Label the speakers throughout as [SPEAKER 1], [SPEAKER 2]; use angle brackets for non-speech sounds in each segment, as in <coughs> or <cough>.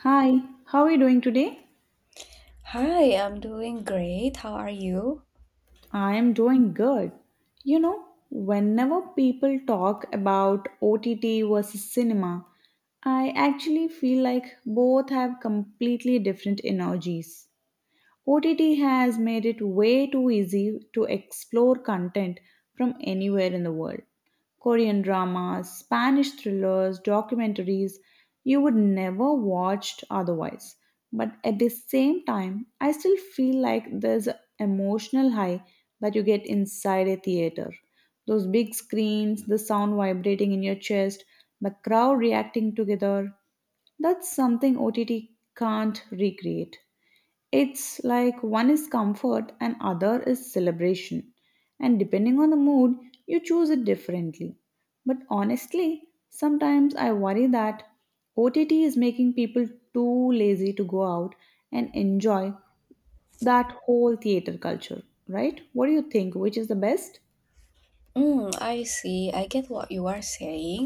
[SPEAKER 1] Hi, how are you doing today?
[SPEAKER 2] Hi, I'm doing great. How are you?
[SPEAKER 1] I am doing good. You know, whenever people talk about OTT versus cinema, I actually feel like both have completely different energies. OTT has made it way too easy to explore content from anywhere in the world. Korean dramas, Spanish thrillers, documentaries you would never watched otherwise. But at the same time, I still feel like there's an emotional high that you get inside a theater. Those big screens, the sound vibrating in your chest, the crowd reacting together. That's something OTT can't recreate. It's like one is comfort and other is celebration. And depending on the mood, you choose it differently. But honestly, sometimes I worry that OTT is making people too lazy to go out and enjoy that whole theater culture, right? What do you think? Which is the best?
[SPEAKER 2] Mm, I see. I get what you are saying,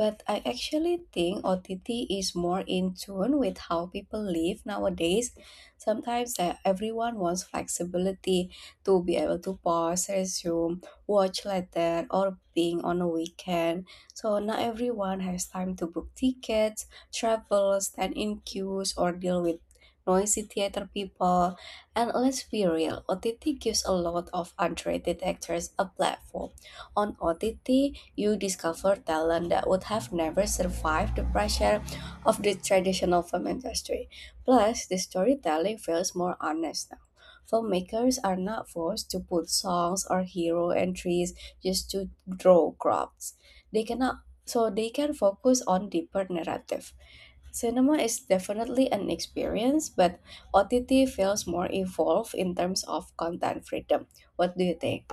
[SPEAKER 2] but I actually think OTT is more in tune with how people live nowadays. Sometimes everyone wants flexibility to be able to pause, resume, watch later, or being on a weekend. So not everyone has time to book tickets, travel, stand in queues, or deal with noisy theater people. And let's be real, OTT gives a lot of underrated actors a platform on OTT, you discover talent that would have never survived the pressure of the traditional film industry. Plus, the storytelling feels more honest now. Filmmakers are not forced to put songs or hero entries just to draw crowds. They cannot, so they can focus on deeper narrative. Cinema is definitely an experience, but OTT feels more evolved in terms of content freedom. What do you think?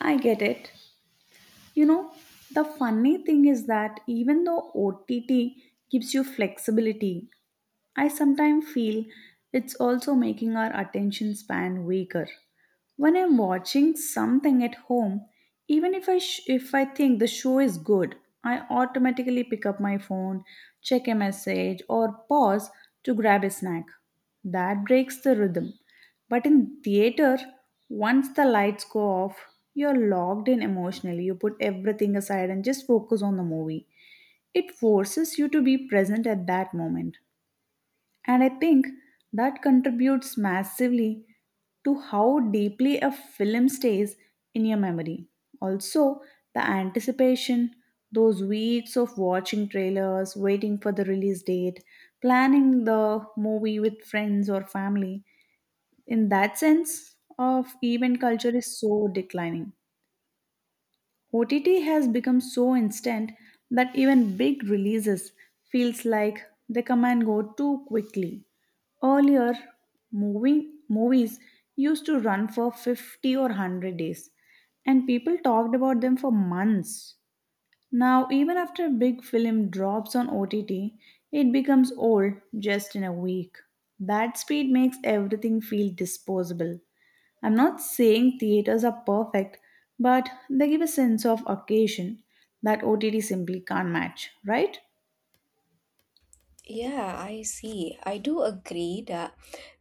[SPEAKER 1] I get it. You know, the funny thing is that even though OTT gives you flexibility, I sometimes feel it's also making our attention span weaker. When I'm watching something at home, even if I think the show is good, I automatically pick up my phone, check a message or pause to grab a snack. That breaks the rhythm. But in theater, once the lights go off, you're locked in emotionally. You put everything aside and just focus on the movie. It forces you to be present at that moment. And I think that contributes massively to how deeply a film stays in your memory. Also, the anticipation, those weeks of watching trailers, waiting for the release date, planning the movie with friends or family. In that sense, of event culture is so declining. OTT has become so instant that even big releases feels like they come and go too quickly. Earlier, movies used to run for 50 or 100 days, and people talked about them for months. Now, even after a big film drops on OTT, it becomes old just in a week. That speed makes everything feel disposable. I'm not saying theaters are perfect, but they give a sense of occasion that OTT simply can't match, right?
[SPEAKER 2] Yeah, I see. I do agree that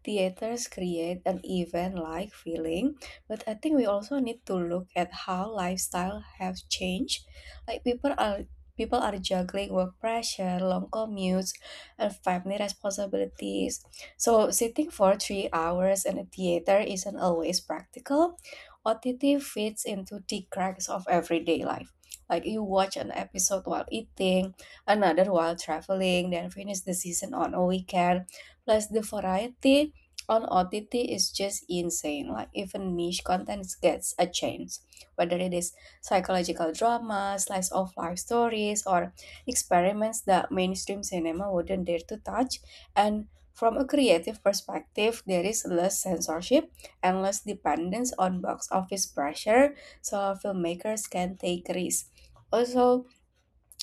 [SPEAKER 2] theaters create an event-like feeling, but I think we also need to look at how lifestyle have changed. Like people are juggling work pressure, long commutes, and family responsibilities. So sitting for 3 hours in a theater isn't always practical. OTT fits into the cracks of everyday life. Like you watch an episode while eating, another while traveling, then finish the season on a weekend. Plus, the variety on OTT is just insane. Like, even niche content gets a chance, whether it is psychological drama, slice of life stories, or experiments that mainstream cinema wouldn't dare to touch. And from a creative perspective, there is less censorship and less dependence on box office pressure, so filmmakers can take risks. Also,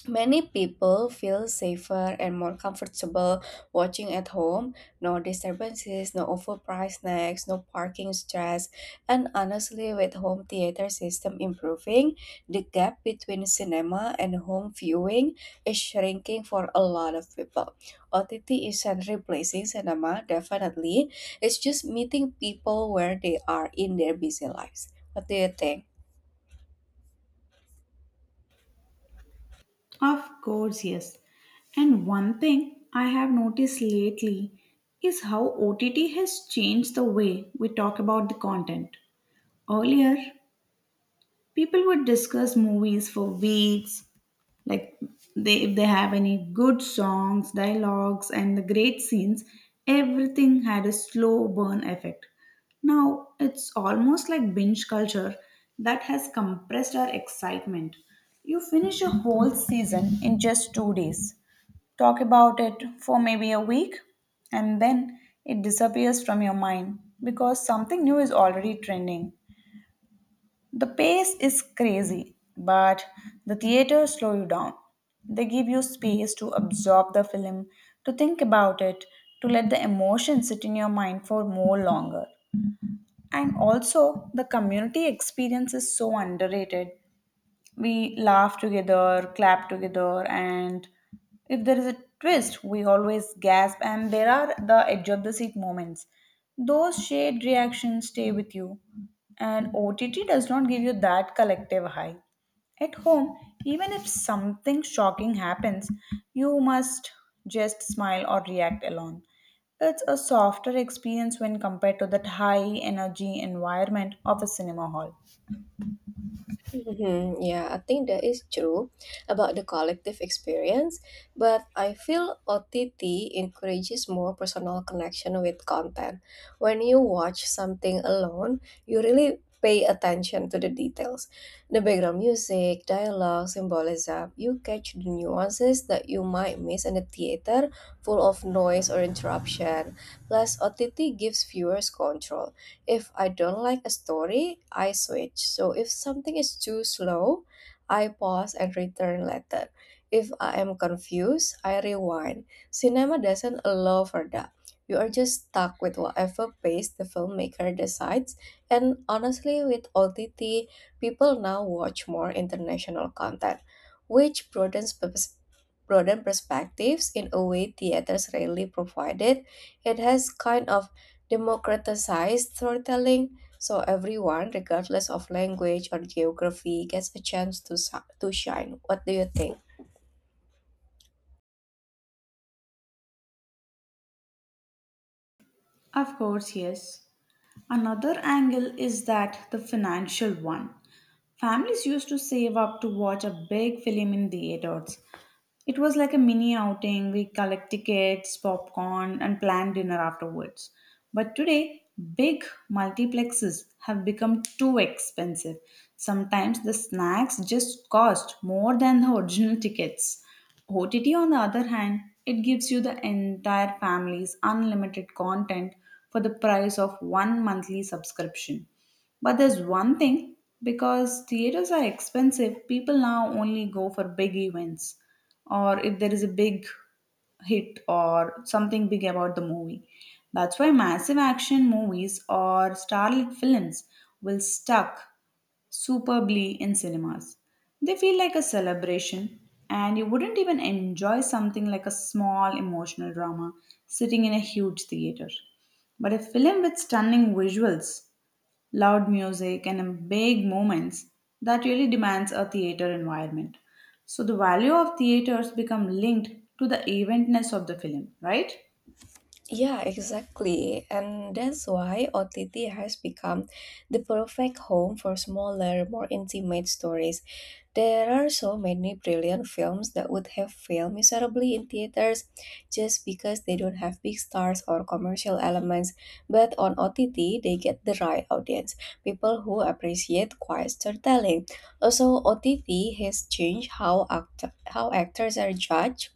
[SPEAKER 2] many people feel safer and more comfortable watching at home. No disturbances, no overpriced snacks, no parking stress. And honestly, with home theater system improving, the gap between cinema and home viewing is shrinking for a lot of people. OTT isn't replacing cinema, definitely. It's just meeting people where they are in their busy lives. What do you think?
[SPEAKER 1] Of course, yes. And one thing I have noticed lately is how OTT has changed the way we talk about the content. Earlier, people would discuss movies for weeks, like they, if they have any good songs, dialogues and the great scenes, everything had a slow burn effect. Now it's almost like binge culture that has compressed our excitement. You finish a whole season in just 2 days, talk about it for maybe a week, and then it disappears from your mind because something new is already trending. The pace is crazy, but the theaters slow you down. They give you space to absorb the film, to think about it, to let the emotion sit in your mind for more longer. And also, the community experience is so underrated. We laugh together, clap together, and if there is a twist, we always gasp. And there are the edge of the seat moments. Those shared reactions stay with you, and OTT does not give you that collective high. At home, even if something shocking happens, you must just smile or react alone. It's a softer experience when compared to that high energy environment of a cinema hall.
[SPEAKER 2] Mhm, yeah, I think that is true about the collective experience, but I feel OTT encourages more personal connection with content. When you watch something alone, you really pay attention to the details the background music, dialogue, symbolism. You catch the nuances that you might miss in the theater full of noise or interruption. Plus, OTT gives viewers control. If I don't like a story, I switch. So if something is too slow, I pause and return later. If I am confused, I rewind. Cinema doesn't allow for that. You are just stuck with whatever pace the filmmaker decides. And honestly, with OTT, people now watch more international content, which broaden perspectives in a way theaters rarely provided. It has kind of democratized storytelling so everyone, regardless of language or geography, gets a chance to shine. What do you think?
[SPEAKER 1] Of course, yes. Another angle is that the financial one. Families used to save up to watch a big film in theaters. It was like a mini outing. We collect tickets, popcorn, and plan dinner afterwards. But today, big multiplexes have become too expensive. Sometimes the snacks just cost more than the original tickets. OTT, on the other hand, it gives you the entire family's unlimited content for the price of one monthly subscription. But there's one thing, because theaters are expensive, people now only go for big events or if there is a big hit or something big about the movie. That's why massive action movies or starlit films will stuck superbly in cinemas. They feel like a celebration, and you wouldn't even enjoy something like a small emotional drama sitting in a huge theater. But a film with stunning visuals, loud music, and big moments that really demands a theater environment. So the value of theaters become linked to the eventness of the film, right?
[SPEAKER 2] Yeah, exactly. And that's why OTT has become the perfect home for smaller, more intimate stories. There are so many brilliant films that would have failed miserably in theaters just because they don't have big stars or commercial elements, but on OTT they get the right audience, people who appreciate quiet storytelling. Also, OTT has changed how actors are judged.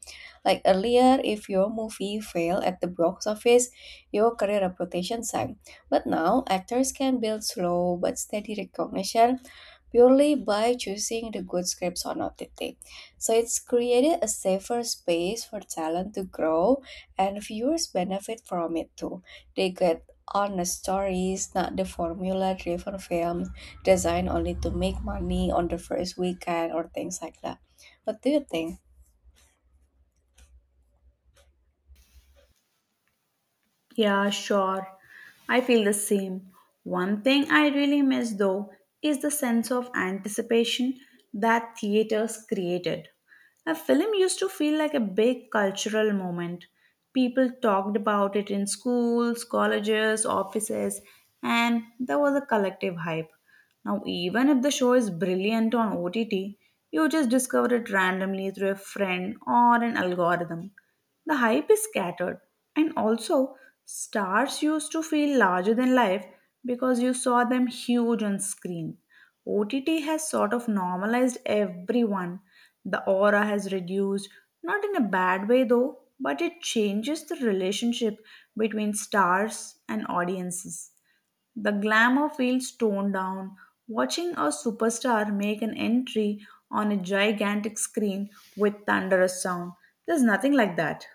[SPEAKER 2] Like earlier, if your movie failed at the box office, your career reputation sank. But now, actors can build slow but steady recognition purely by choosing the good scripts on OTT. So it's created a safer space for talent to grow and viewers benefit from it too. They get honest stories, not the formula driven films designed only to make money on the first weekend or things like that. What do you think?
[SPEAKER 1] Yeah, sure. I feel the same. One thing I really miss though is the sense of anticipation that theaters created. A film used to feel like a big cultural moment. People talked about it in schools, colleges, offices, and there was a collective hype. Now, even if the show is brilliant on OTT, you just discover it randomly through a friend or an algorithm. The hype is scattered, and also stars used to feel larger than life because you saw them huge on screen. OTT has sort of normalized everyone. The aura has reduced, not in a bad way though, but it changes the relationship between stars and audiences. The glamour feels toned down. Watching a superstar make an entry on a gigantic screen with thunderous sound, there's nothing like that.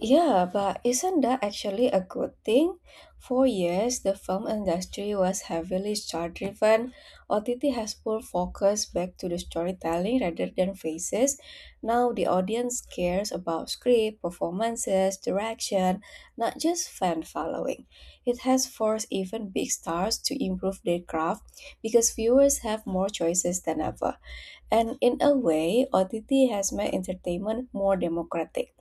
[SPEAKER 2] Yeah, but isn't that actually a good thing? For years, the film industry was heavily star driven. OTT has pulled focus back to the storytelling rather than faces. Now the audience cares about script, performances, direction, not just fan following. It has forced even big stars to improve their craft because viewers have more choices than ever. And in a way, OTT has made entertainment more democratic.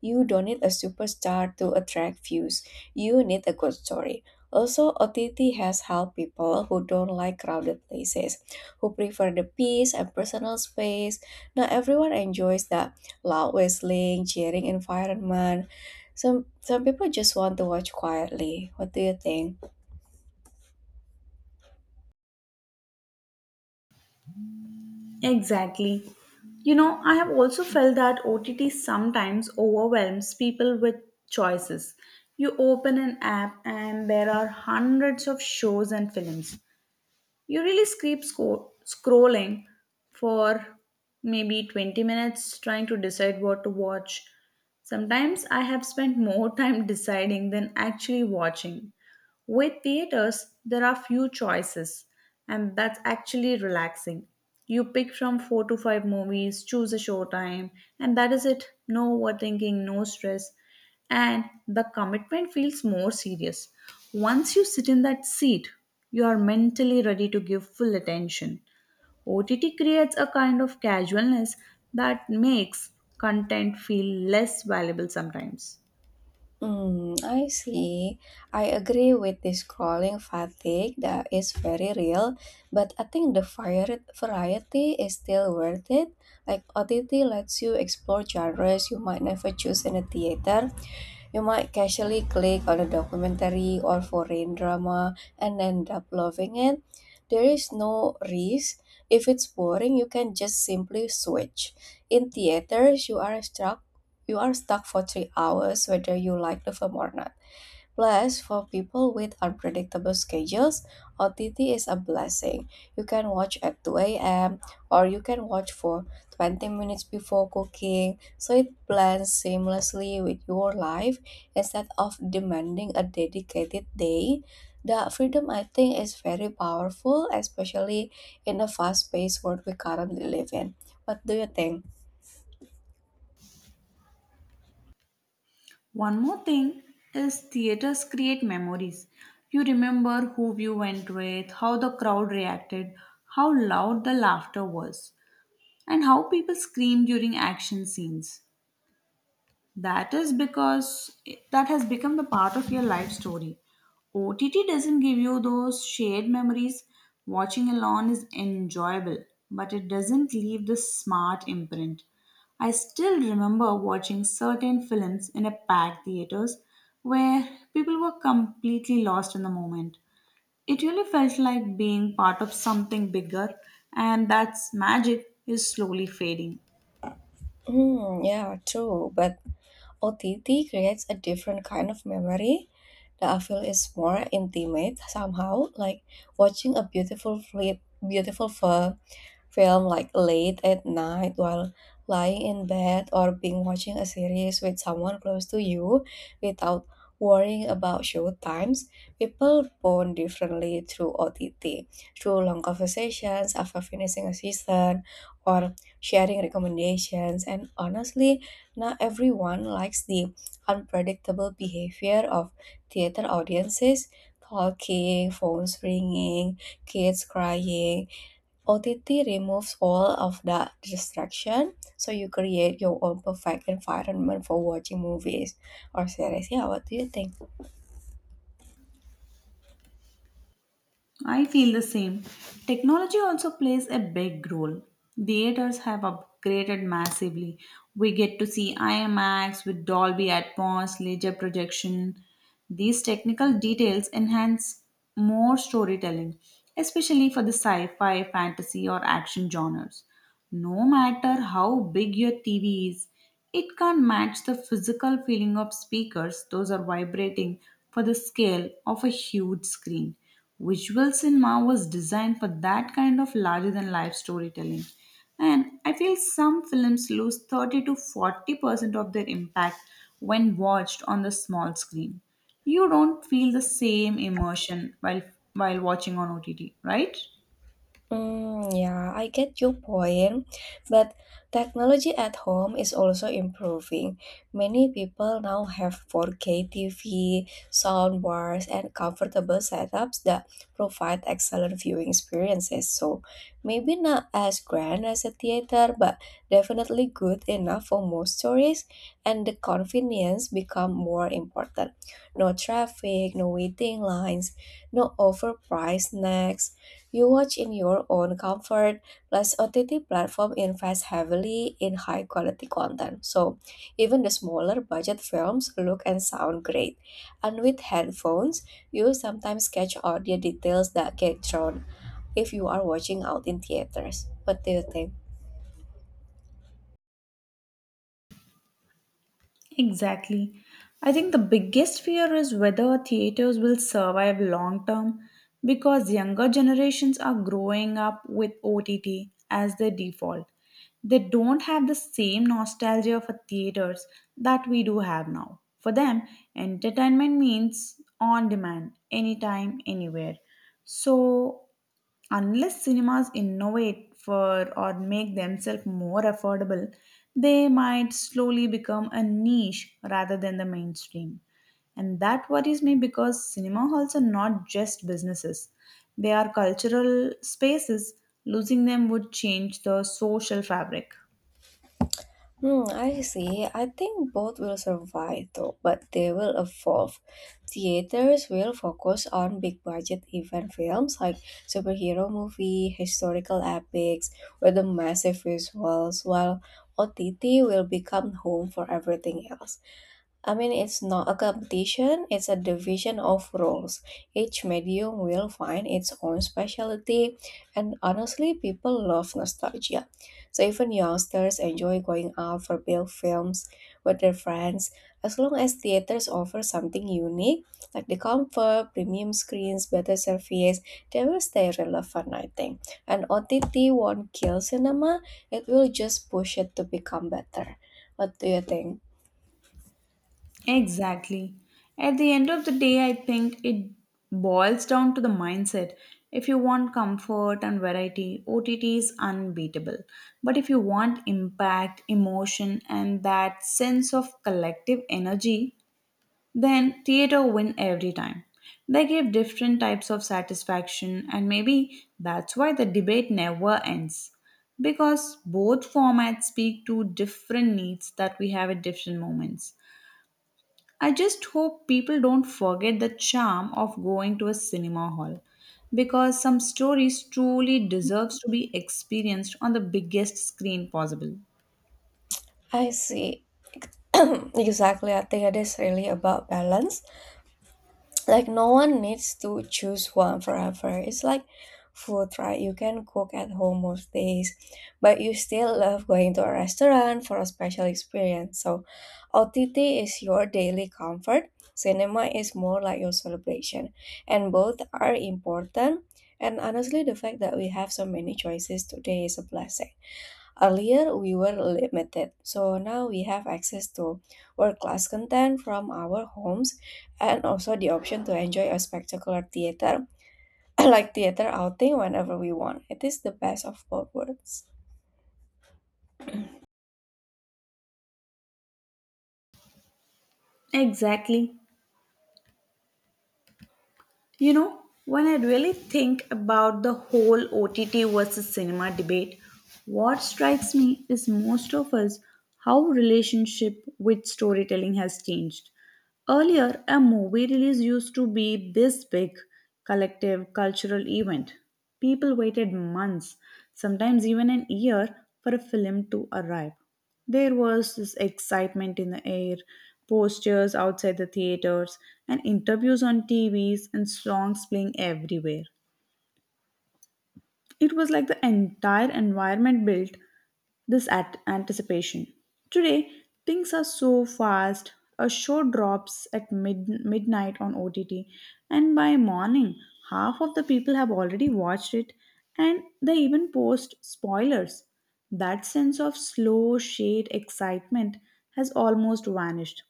[SPEAKER 2] You don't need a superstar to attract views, you need a good story. Also, OTT has helped people who don't like crowded places, who prefer the peace and personal space. Not everyone enjoys the loud whistling, cheering environment. Some people just want to watch quietly. What do you think?
[SPEAKER 1] Exactly. You know, I have also felt that OTT sometimes overwhelms people with choices. You open an app and there are hundreds of shows and films. You really keep scrolling for maybe 20 minutes trying to decide what to watch. Sometimes I have spent more time <laughs> deciding than actually watching. With theaters, there are few choices, and that's actually relaxing. You pick from 4 to 5 movies, choose a showtime, and that is it. No overthinking, no stress, and the commitment feels more serious. Once you sit in that seat, you are mentally ready to give full attention. OTT creates a kind of casualness that makes content feel less valuable sometimes.
[SPEAKER 2] Mm, I see. I agree with the scrolling fatigue that is very real, but I think variety is still worth it. Like OTT lets you explore genres you might never choose in a theater, you might casually click on a documentary or foreign drama and end up loving it. There is no risk. If it's boring, you can just simply switch. In theaters, you are stuck for 3 hours whether you like the film or not. Plus, for people with unpredictable schedules, OTT is a blessing. You can watch at 2 a.m. or you can watch for 20 minutes before cooking, so it blends seamlessly with your life instead of demanding a dedicated day. The freedom, I think, is very powerful, especially in the fast paced world we currently live in. What do you think?
[SPEAKER 1] One more thing is theaters create memories. You remember who you went with, how the crowd reacted, how loud the laughter was, and how people screamed during action scenes. That is because that has become the part of your life story. OTT doesn't give you those shared memories. Watching alone is enjoyable, but it doesn't leave the smart imprint. I still remember watching certain films in a packed theaters where people were completely lost in the moment. It really felt like being part of something bigger, and that's magic is slowly fading.
[SPEAKER 2] Hmm, yeah, true. But OTT creates a different kind of memory. The appeal is more intimate somehow, like watching a beautiful fli- beautiful fi- film like late at night while lying in bed or being watching a series with someone close to you without worrying about show times. People bond differently through OTT, through long conversations after finishing a season or sharing recommendations and honestly now, everyone likes the unpredictable behavior of theater audiences talking, phones ringing, kids crying. OTT removes all of that distraction, so you create your own perfect environment for watching movies or series. Yeah, what do you think?
[SPEAKER 1] I feel the same. Technology also plays a big role. Theaters have upgraded massively. We get to see IMAX with Dolby Atmos, laser projection. These technical details enhance more storytelling, especially for the sci fi, fantasy, or action genres. No matter how big your TV is, it can't match the physical feeling of speakers. Those are vibrating for the scale of a huge screen. Visual cinema was designed for that kind of larger than life storytelling. And I feel some films lose 30 to 40% of their impact when watched on the small screen. You don't feel the same emotion while watching on OTT, right?
[SPEAKER 2] Mm, yeah, I get your point, but technology at home is also improving. Many people now have 4K TV, soundbars, and comfortable setups that provide excellent viewing experiences. So maybe not as grand as a theater, but definitely good enough for most stories, and the convenience become more important. No traffic, no waiting lines, no overpriced snacks you watch in your own comfort, plus OTT platform invest heavily in high quality content. So even the smaller budget films look and sound great. And with headphones, you sometimes catch audio details that get thrown if you are watching out in theaters. What do you think?
[SPEAKER 1] Exactly. I think the biggest fear is whether theaters will survive long term because younger generations are growing up with OTT as their default. They don't have the same nostalgia for theaters that we do have now. For them, entertainment means on demand, anytime, anywhere. So, unless cinemas innovate for or make themselves more affordable, they might slowly become a niche rather than the mainstream. And that worries me because cinema halls are not just businesses, they are cultural spaces. Losing them would change the social fabric.
[SPEAKER 2] Hmm, I see. I think both will survive though, but they will evolve. Theaters will focus on big budget event films like superhero movie, historical epics with the massive visuals, while OTT will become home for everything else. I mean, it's not a competition, it's a division of roles. Each medium will find its own specialty, and honestly, people love nostalgia. So, even youngsters enjoy going out for big films with their friends, as long as theaters offer something unique, like the comfort, premium screens, better service, they will stay relevant, I think. And OTT won't kill cinema, it will just push it to become better. What do you think?
[SPEAKER 1] Exactly. At the end of the day, I think it boils down to the mindset. If you want comfort and variety, OTT is unbeatable. But if you want impact, emotion, and that sense of collective energy, then theater win every time. They give different types of satisfaction, and maybe that's why the debate never ends. Because both formats speak to different needs that we have at different moments. I just hope people don't forget the charm of going to a cinema hall because some stories truly deserves to be experienced on the biggest screen possible.
[SPEAKER 2] I see. <coughs> <clears throat> Exactly, I think it is really about balance. Like, no one needs to choose one forever. It's like food, right? You can cook at home most days, but you still love going to a restaurant for a special experience. So, OTT is your daily comfort, cinema is more like your celebration, and both are important. And honestly, the fact that we have so many choices today is a blessing. Earlier, we were limited, so now we have access to world class content from our homes and also the option to enjoy a spectacular theater, <coughs> <clears throat> like theater outing, whenever we want. It is the best of both worlds.
[SPEAKER 1] Exactly. You know, when I really think about the whole OTT versus cinema debate, what strikes me is most of us how relationship with storytelling has changed. Earlier, a movie release used to be this big collective cultural event. People waited months, sometimes even an year, for a film to arrive. There was this excitement in the air, posters outside the theaters, and interviews on TVs and songs playing everywhere. It was like the entire environment built this at anticipation. Today, things are so fast. A show drops at midnight on OTT, and by morning, half of the people have already watched it, and they even post spoilers. That sense of slow, shade excitement has almost vanished.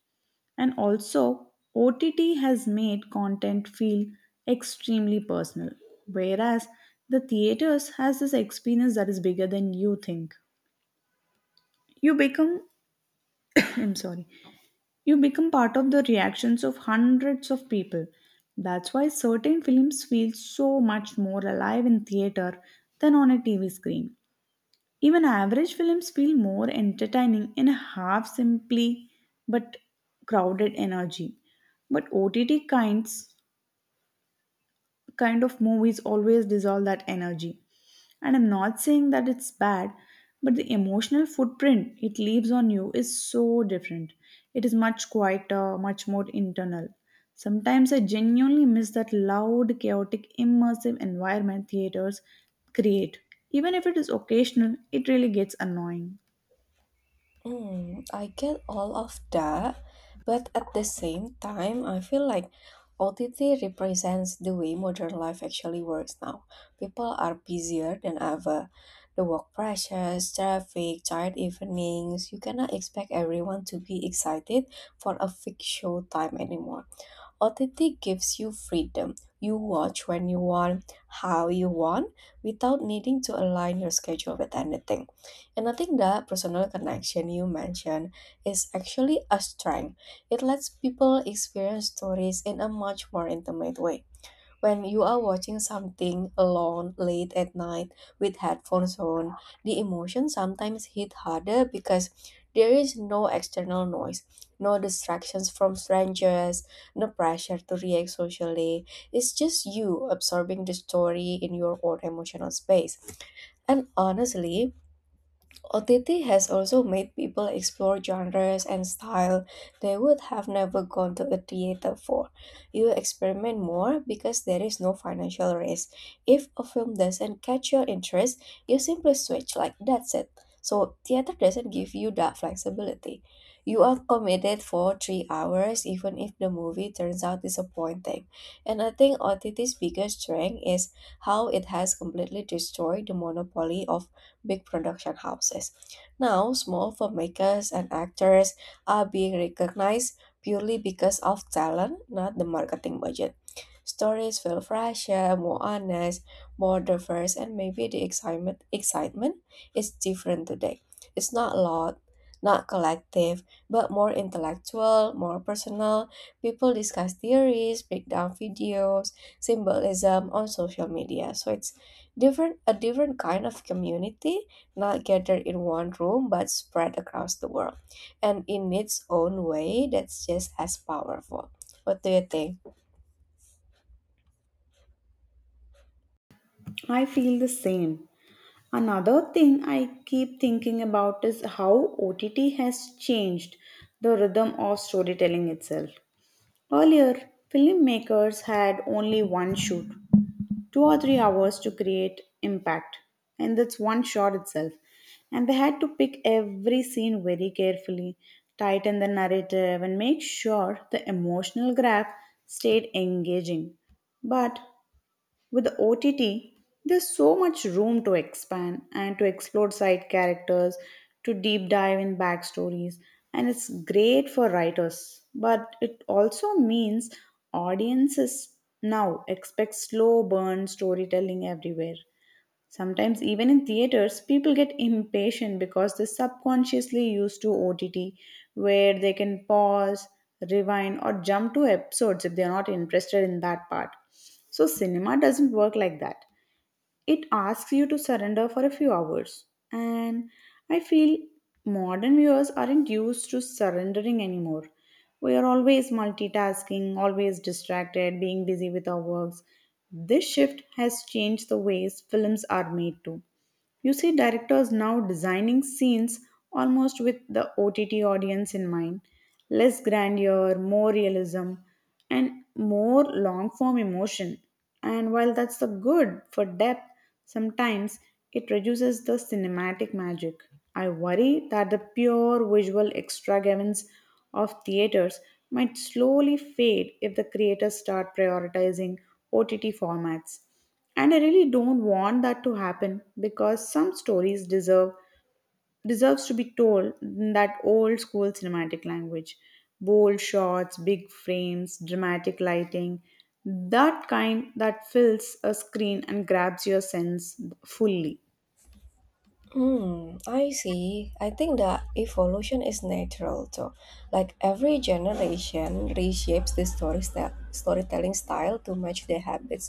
[SPEAKER 1] And also, OTT has made content feel extremely personal, whereas the theaters has this experience that is bigger than you think. You become, <clears throat> I'm sorry, you become part of the reactions of hundreds of people. That's why certain films feel so much more alive in theater than on a TV screen. Even average films feel more entertaining in a half simply but crowded energy. But OTT kind of movies always dissolve that energy. And I'm not saying that it's bad, but the emotional footprint it leaves on you is so different. It is much quieter, much more internal. Sometimes I genuinely miss that loud, chaotic, immersive environment theaters create. Even if it is occasional, it really gets annoying.
[SPEAKER 2] Mm, I get all of that, but at the same time, I feel like OTT represents the way modern life actually works now. People are busier than ever. The work pressures, traffic, tired evenings, you cannot expect everyone to be excited for a fixed show time anymore. Authentic gives you freedom. You watch when you want, how you want, without needing to align your schedule with anything. And I think that personal connection you mentioned is actually a strength. It lets people experience stories in a much more intimate way. When you are watching something alone late at night with headphones on, the emotions sometimes hit harder because there is no external noise, no distractions from strangers, no pressure to react socially. It's just you absorbing the story in your own emotional space. And honestly, OTT has also made people explore genres and style they would have never gone to a theater for. You experiment more because there is no financial risk. If a film doesn't catch your interest, you simply switch, like that's it. So theater doesn't give you that flexibility. You are committed for 3 hours even if the movie turns out disappointing. And I think OTT's biggest strength is how it has completely destroyed the monopoly of big production houses. Now, small filmmakers and actors are being recognized purely because of talent, not the marketing budget. Stories feel fresher, more honest, more diverse, and maybe the excitement is different today. It's not loud, not collective, but more intellectual, more personal. People discuss theories, break down videos, symbolism on social media. So it's different a different kind of community not gathered in one room but spread across the world and in its own way that's just as powerful. What do you think?
[SPEAKER 1] I feel the same. Another thing I keep thinking about is how OTT has changed the rhythm of storytelling itself. Earlier, filmmakers had only one shoot, two or three hours to create impact, and that's one shot itself. And they had to pick every scene very carefully, tighten the narrative, and make sure the emotional graph stayed engaging. But with OTT, there's so much room to expand and to explore side characters, to deep dive in backstories, and it's great for writers. But it also means audiences now expect slow burn storytelling everywhere. Sometimes, even in theaters, people get impatient because they subconsciously used to OTT, where they can pause, rewind, or jump to episodes if they're not interested in that part. So, cinema doesn't work like that. It asks you to surrender for a few hours. And I feel modern viewers aren't used to surrendering anymore. We are always multitasking, always distracted, being busy with our works. This shift has changed the ways films are made too. You see directors now designing scenes almost with the OTT audience in mind, less grandeur, more realism, and more long form emotion. And while that's the good for depth, sometimes it reduces the cinematic magic. I worry that the pure visual extravagance of theaters might slowly fade if the creators start prioritizing OTT formats, and I really don't want that to happen, because some stories deserves to be told in that old school cinematic language, bold shots, big frames, dramatic lighting, that kind that fills a screen and grabs your sense fully.
[SPEAKER 2] Hmm, I see. I think that evolution is natural too. Like every generation reshapes the storytelling style to match their habits.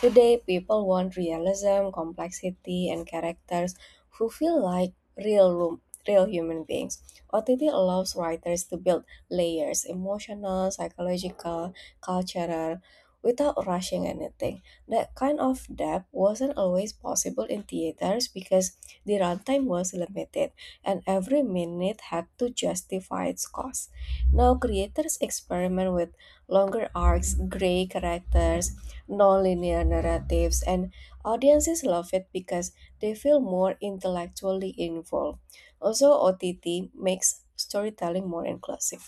[SPEAKER 2] Today, people want realism, complexity, and characters who feel like real room, real human beings. OTT allows writers to build layers, emotional, psychological, cultural, without rushing anything. That kind of depth wasn't always possible in theaters because the runtime was limited, and every minute had to justify its cost. Now, creators experiment with longer arcs, gray characters, non-linear narratives, and audiences love it because they feel more intellectually involved. Also, OTT makes storytelling more inclusive.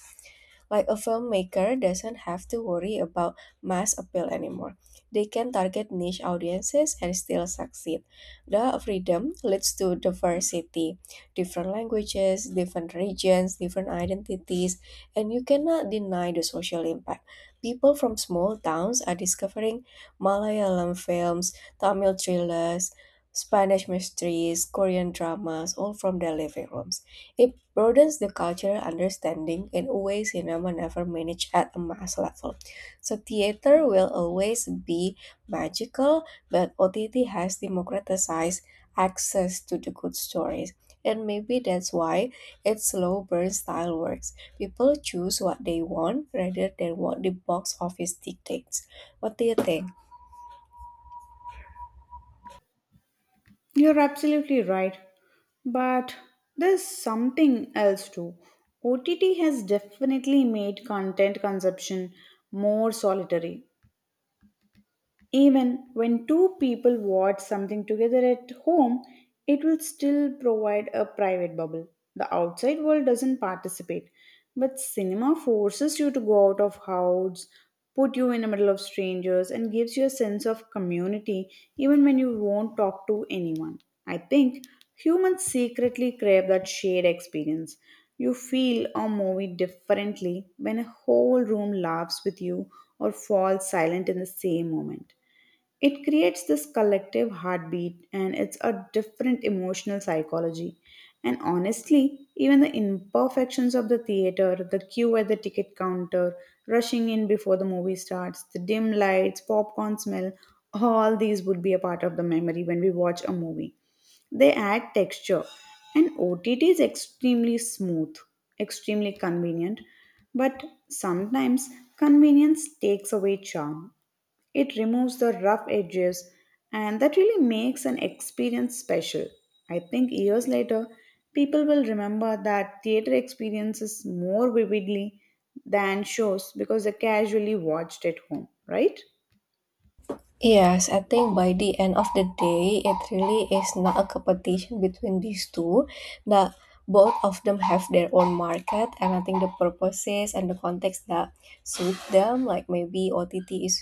[SPEAKER 2] Like a filmmaker doesn't have to worry about mass appeal anymore. They can target niche audiences and still succeed. The freedom leads to diversity, different languages, different regions, different identities, and you cannot deny the social impact. People from small towns are discovering Malayalam films, Tamil thrillers, Spanish mysteries, Korean dramas, all from their living rooms. It broadens the cultural understanding in ways cinema never managed at a mass level. So theater will always be magical, but OTT has democratized access to the good stories. And maybe that's why its slow burn style works. People choose what they want rather than what the box office dictates. What do you think?
[SPEAKER 1] You're absolutely right, but there's something else too. OTT has definitely made content consumption more solitary. Even when two people watch something together at home, it will still provide a private bubble. The outside world doesn't participate, but cinema forces you to go out of house, put you in the middle of strangers, and gives you a sense of community even when you won't talk to anyone. I think humans secretly crave that shared experience. You feel a movie differently when a whole room laughs with you or falls silent in the same moment. It creates this collective heartbeat, and it's a different emotional psychology. And honestly, even the imperfections of the theater, the queue at the ticket counter, rushing in before the movie starts, the dim lights, popcorn smell, all these would be a part of the memory when we watch a movie. They add texture, and OTT is extremely smooth, extremely convenient, but sometimes convenience takes away charm. It removes the rough edges, and that really makes an experience special. I think years later, people will remember that theater experiences more vividly than shows because they casually watched at home, right?
[SPEAKER 2] Yes, I think by the end of the day, it really is not a competition between these two. That both of them have their own market, and I think the purposes and the context that suit them, like maybe OTT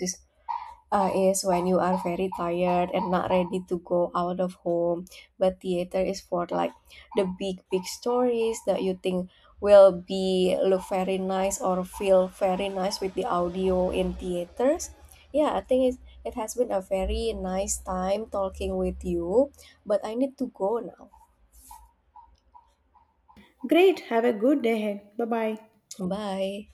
[SPEAKER 2] is when you are very tired and not ready to go out of home. But theater is for like the big, big stories that you think will be look very nice or feel very nice with the audio in theaters. Yeah, I think it has been a very nice time talking with you, but I need to go now.
[SPEAKER 1] Great, have a good day ahead. Bye bye.
[SPEAKER 2] Bye.